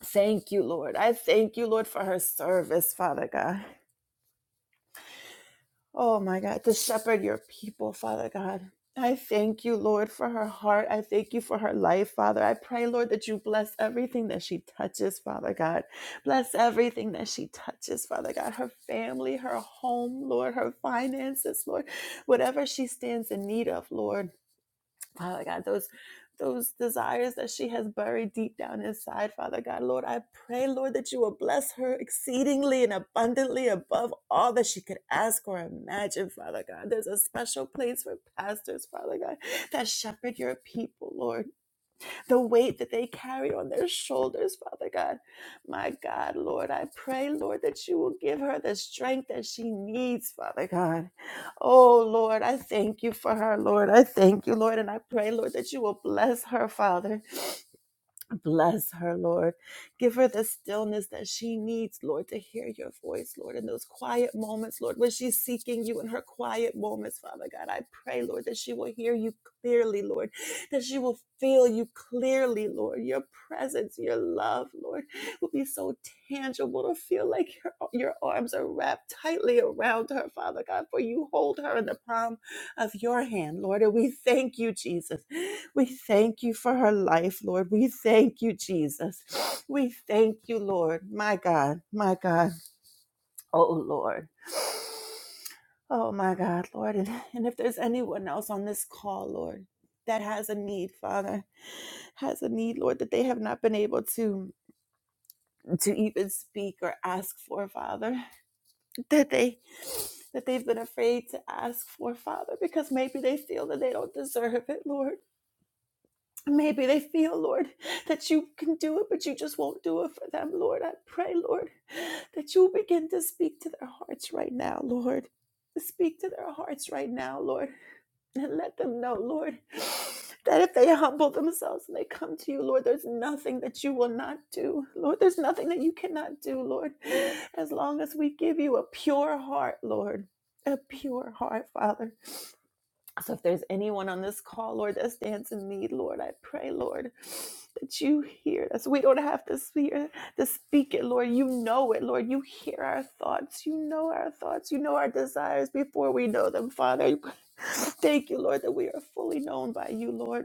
Speaker 3: Thank you, Lord. I thank you, Lord, for her service, Father God. Oh my God, to shepherd your people, Father God. I thank you, Lord, for her heart. I thank you for her life, Father. I pray, Lord, that you bless everything that she touches, Father God. Bless everything that she touches, Father God. Her family, her home, Lord, her finances, Lord, whatever she stands in need of, Lord. Father God, those those desires that she has buried deep down inside, Father God, Lord, I pray, Lord, that you will bless her exceedingly and abundantly above all that she could ask or imagine, Father God. There's a special place for pastors, Father God, that shepherd your people, Lord the weight that they carry on their shoulders, Father God. My God, Lord, I pray, Lord, that you will give her the strength that she needs, Father God. Oh, Lord, I thank you for her, Lord. I thank you, Lord, and I pray, Lord, that you will bless her, Father. Bless her, Lord. Give her the stillness that she needs, Lord, to hear your voice, Lord, in those quiet moments, Lord, when she's seeking you in her quiet moments, Father God. I pray, Lord, that she will hear you clearly, Lord, that she will feel you clearly, Lord. Your presence, your love, Lord, will be so tangible to feel like your, your arms are wrapped tightly around her, Father God, for you hold her in the palm of your hand, Lord. And we thank you, Jesus. We thank you for her life, Lord. We thank you, Jesus. We thank you, Lord. My God, my God. Oh, Lord. Oh, my God, Lord. And, and if there's anyone else on this call, Lord, that has a need, Father, has a need, Lord, that they have not been able to to even speak or ask for, Father, that they that they've been afraid to ask for, Father, because maybe they feel that they don't deserve it, Lord. Maybe they feel, Lord, that you can do it, but you just won't do it for them, Lord. I pray, Lord, that you begin to speak to their hearts right now, Lord. Speak to their hearts right now, Lord. And let them know, Lord, that if they humble themselves and they come to you, Lord, there's nothing that you will not do. Lord, there's nothing that you cannot do, Lord, as long as we give you a pure heart, Lord. A pure heart, Father. So if there's anyone on this call, Lord, that stands in need, Lord, I pray, Lord, that you hear us. We don't have to hear to speak it, Lord. You know it, Lord. You hear our thoughts. You know our thoughts. You know our desires before we know them, Father. Thank you, Lord, that we are fully known by you, Lord.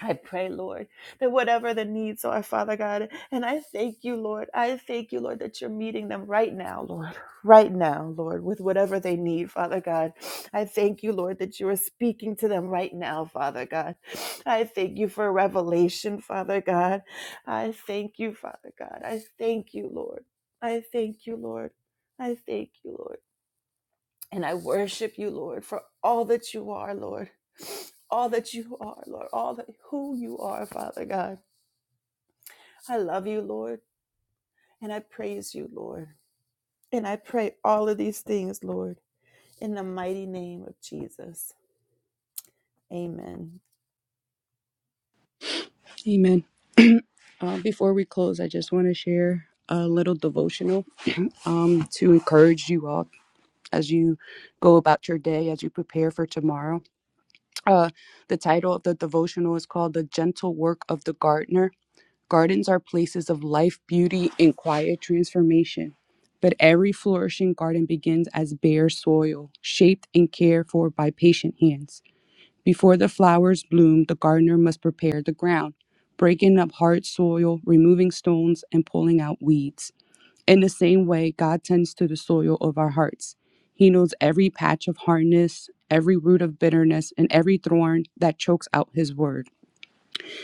Speaker 3: I pray, Lord, that whatever the needs are, Father God, and I thank you, Lord. I thank you, Lord, that you're meeting them right now, Lord, right now, Lord, with whatever they need, Father God. I thank you, Lord, that you are speaking to them right now, Father God. I thank you for revelation, Father God. I thank you, Father God. I thank you, Lord. I thank you, Lord. I thank you, Lord. And I worship you, Lord, for all that you are, Lord. All that you are, Lord. All that who you are, Father God. I love you, Lord, and I praise you, Lord. And I pray all of these things, Lord, in the mighty name of Jesus. Amen.
Speaker 1: Amen. Uh, before we close, I just want to share a little devotional um, to encourage you all as you go about your day, as you prepare for tomorrow. Uh, the title of the devotional is called The Gentle Work of the Gardener Gardens are places of life, beauty, and quiet transformation. But every flourishing garden begins as bare soil, shaped and cared for by patient hands. Before the flowers bloom, the gardener must prepare the ground, breaking up hard soil, removing stones, and pulling out weeds. In the same way, God tends to the soil of our hearts. He knows every patch of hardness, every root of bitterness, and every thorn that chokes out His word.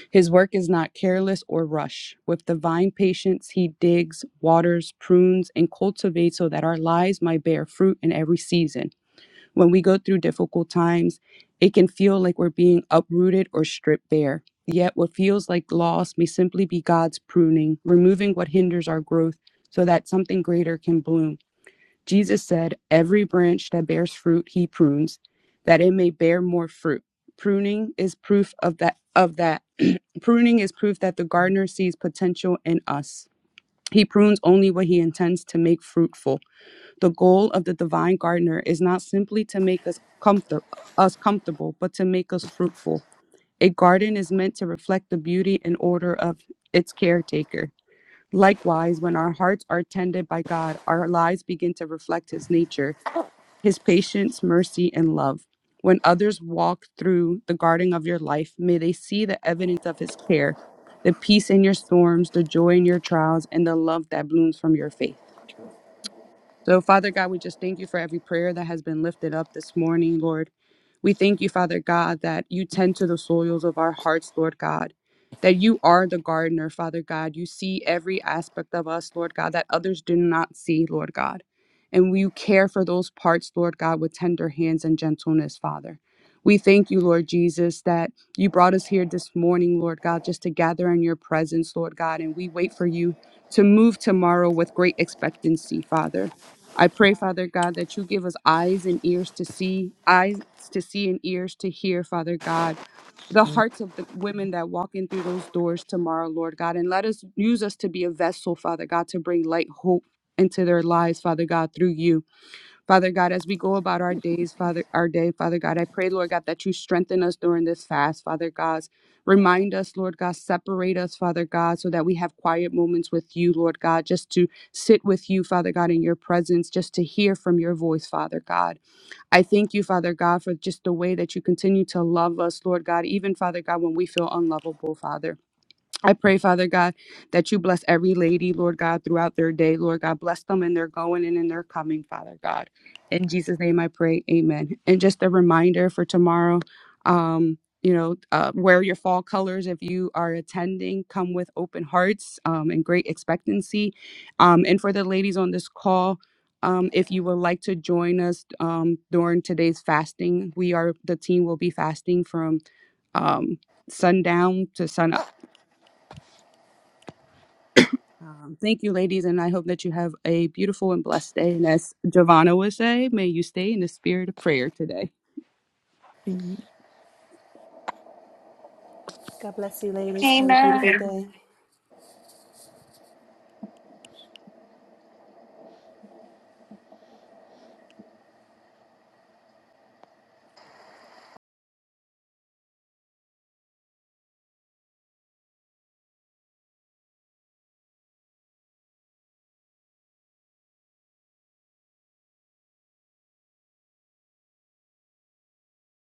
Speaker 1: His work is not careless or rush. With divine patience, he digs, waters, prunes, and cultivates so that our lives might bear fruit in every season. When we go through difficult times, it can feel like we're being uprooted or stripped bare. Yet, what feels like loss may simply be God's pruning, removing what hinders our growth so that something greater can bloom. Jesus said, Every branch that bears fruit, he prunes, that it may bear more fruit. Pruning is proof of that, of that Pruning is proof that the gardener sees potential in us. He prunes only what he intends to make fruitful. The goal of the divine gardener is not simply to make us comfort us comfortable, but to make us fruitful. A garden is meant to reflect the beauty and order of its caretaker. Likewise, when our hearts are tended by God, our lives begin to reflect his nature his patience, mercy, and love. When others walk through the garden of your life, may they see the evidence of his care, the peace in your storms, the joy in your trials, and the love that blooms from your faith. So, Father God, we just thank you for every prayer that has been lifted up this morning, Lord. We thank you, Father God, that you tend to the soils of our hearts, Lord God, that you are the gardener, Father God. You see every aspect of us, Lord God, that others do not see, Lord God. And you care for those parts, Lord God, with tender hands and gentleness, Father. We thank you, Lord Jesus, that you brought us here this morning, Lord God, just to gather in your presence, Lord God. And we wait for you to move tomorrow with great expectancy, Father. I pray, Father God, that you give us eyes and ears to see, eyes to see and ears to hear, Father God, the hearts of the women that walk in through those doors tomorrow, Lord God. And let us use us to be a vessel, Father God, to bring light, hope into their lives, Father God, through you. Father God, as we go about our days, Father, our day, Father God, I pray, Lord God, that you strengthen us during this fast, Father God. Remind us, Lord God, separate us, Father God, so that we have quiet moments with you, Lord God, just to sit with you, Father God, in your presence, just to hear from your voice, Father God. I thank you, Father God, for just the way that you continue to love us, Lord God, even, Father God, when we feel unlovable, Father. I pray, Father God, that you bless every lady, Lord God, throughout their day. Lord God, bless them in their going and in their coming, Father God. In Jesus' name I pray, amen. And just a reminder for tomorrow, um, you know, uh, wear your fall colors if you are attending. Come with open hearts um, and great expectancy. Um, and for the ladies on this call, um, if you would like to join us um, during today's fasting, we are the team will be fasting from um, sundown to sunup. Um, thank you, ladies, and I hope that you have a beautiful and blessed day. And as Giovanna would say, may you stay in the spirit of prayer today.
Speaker 3: God bless you, ladies. Have a
Speaker 6: Amen.
Speaker 3: beautiful day.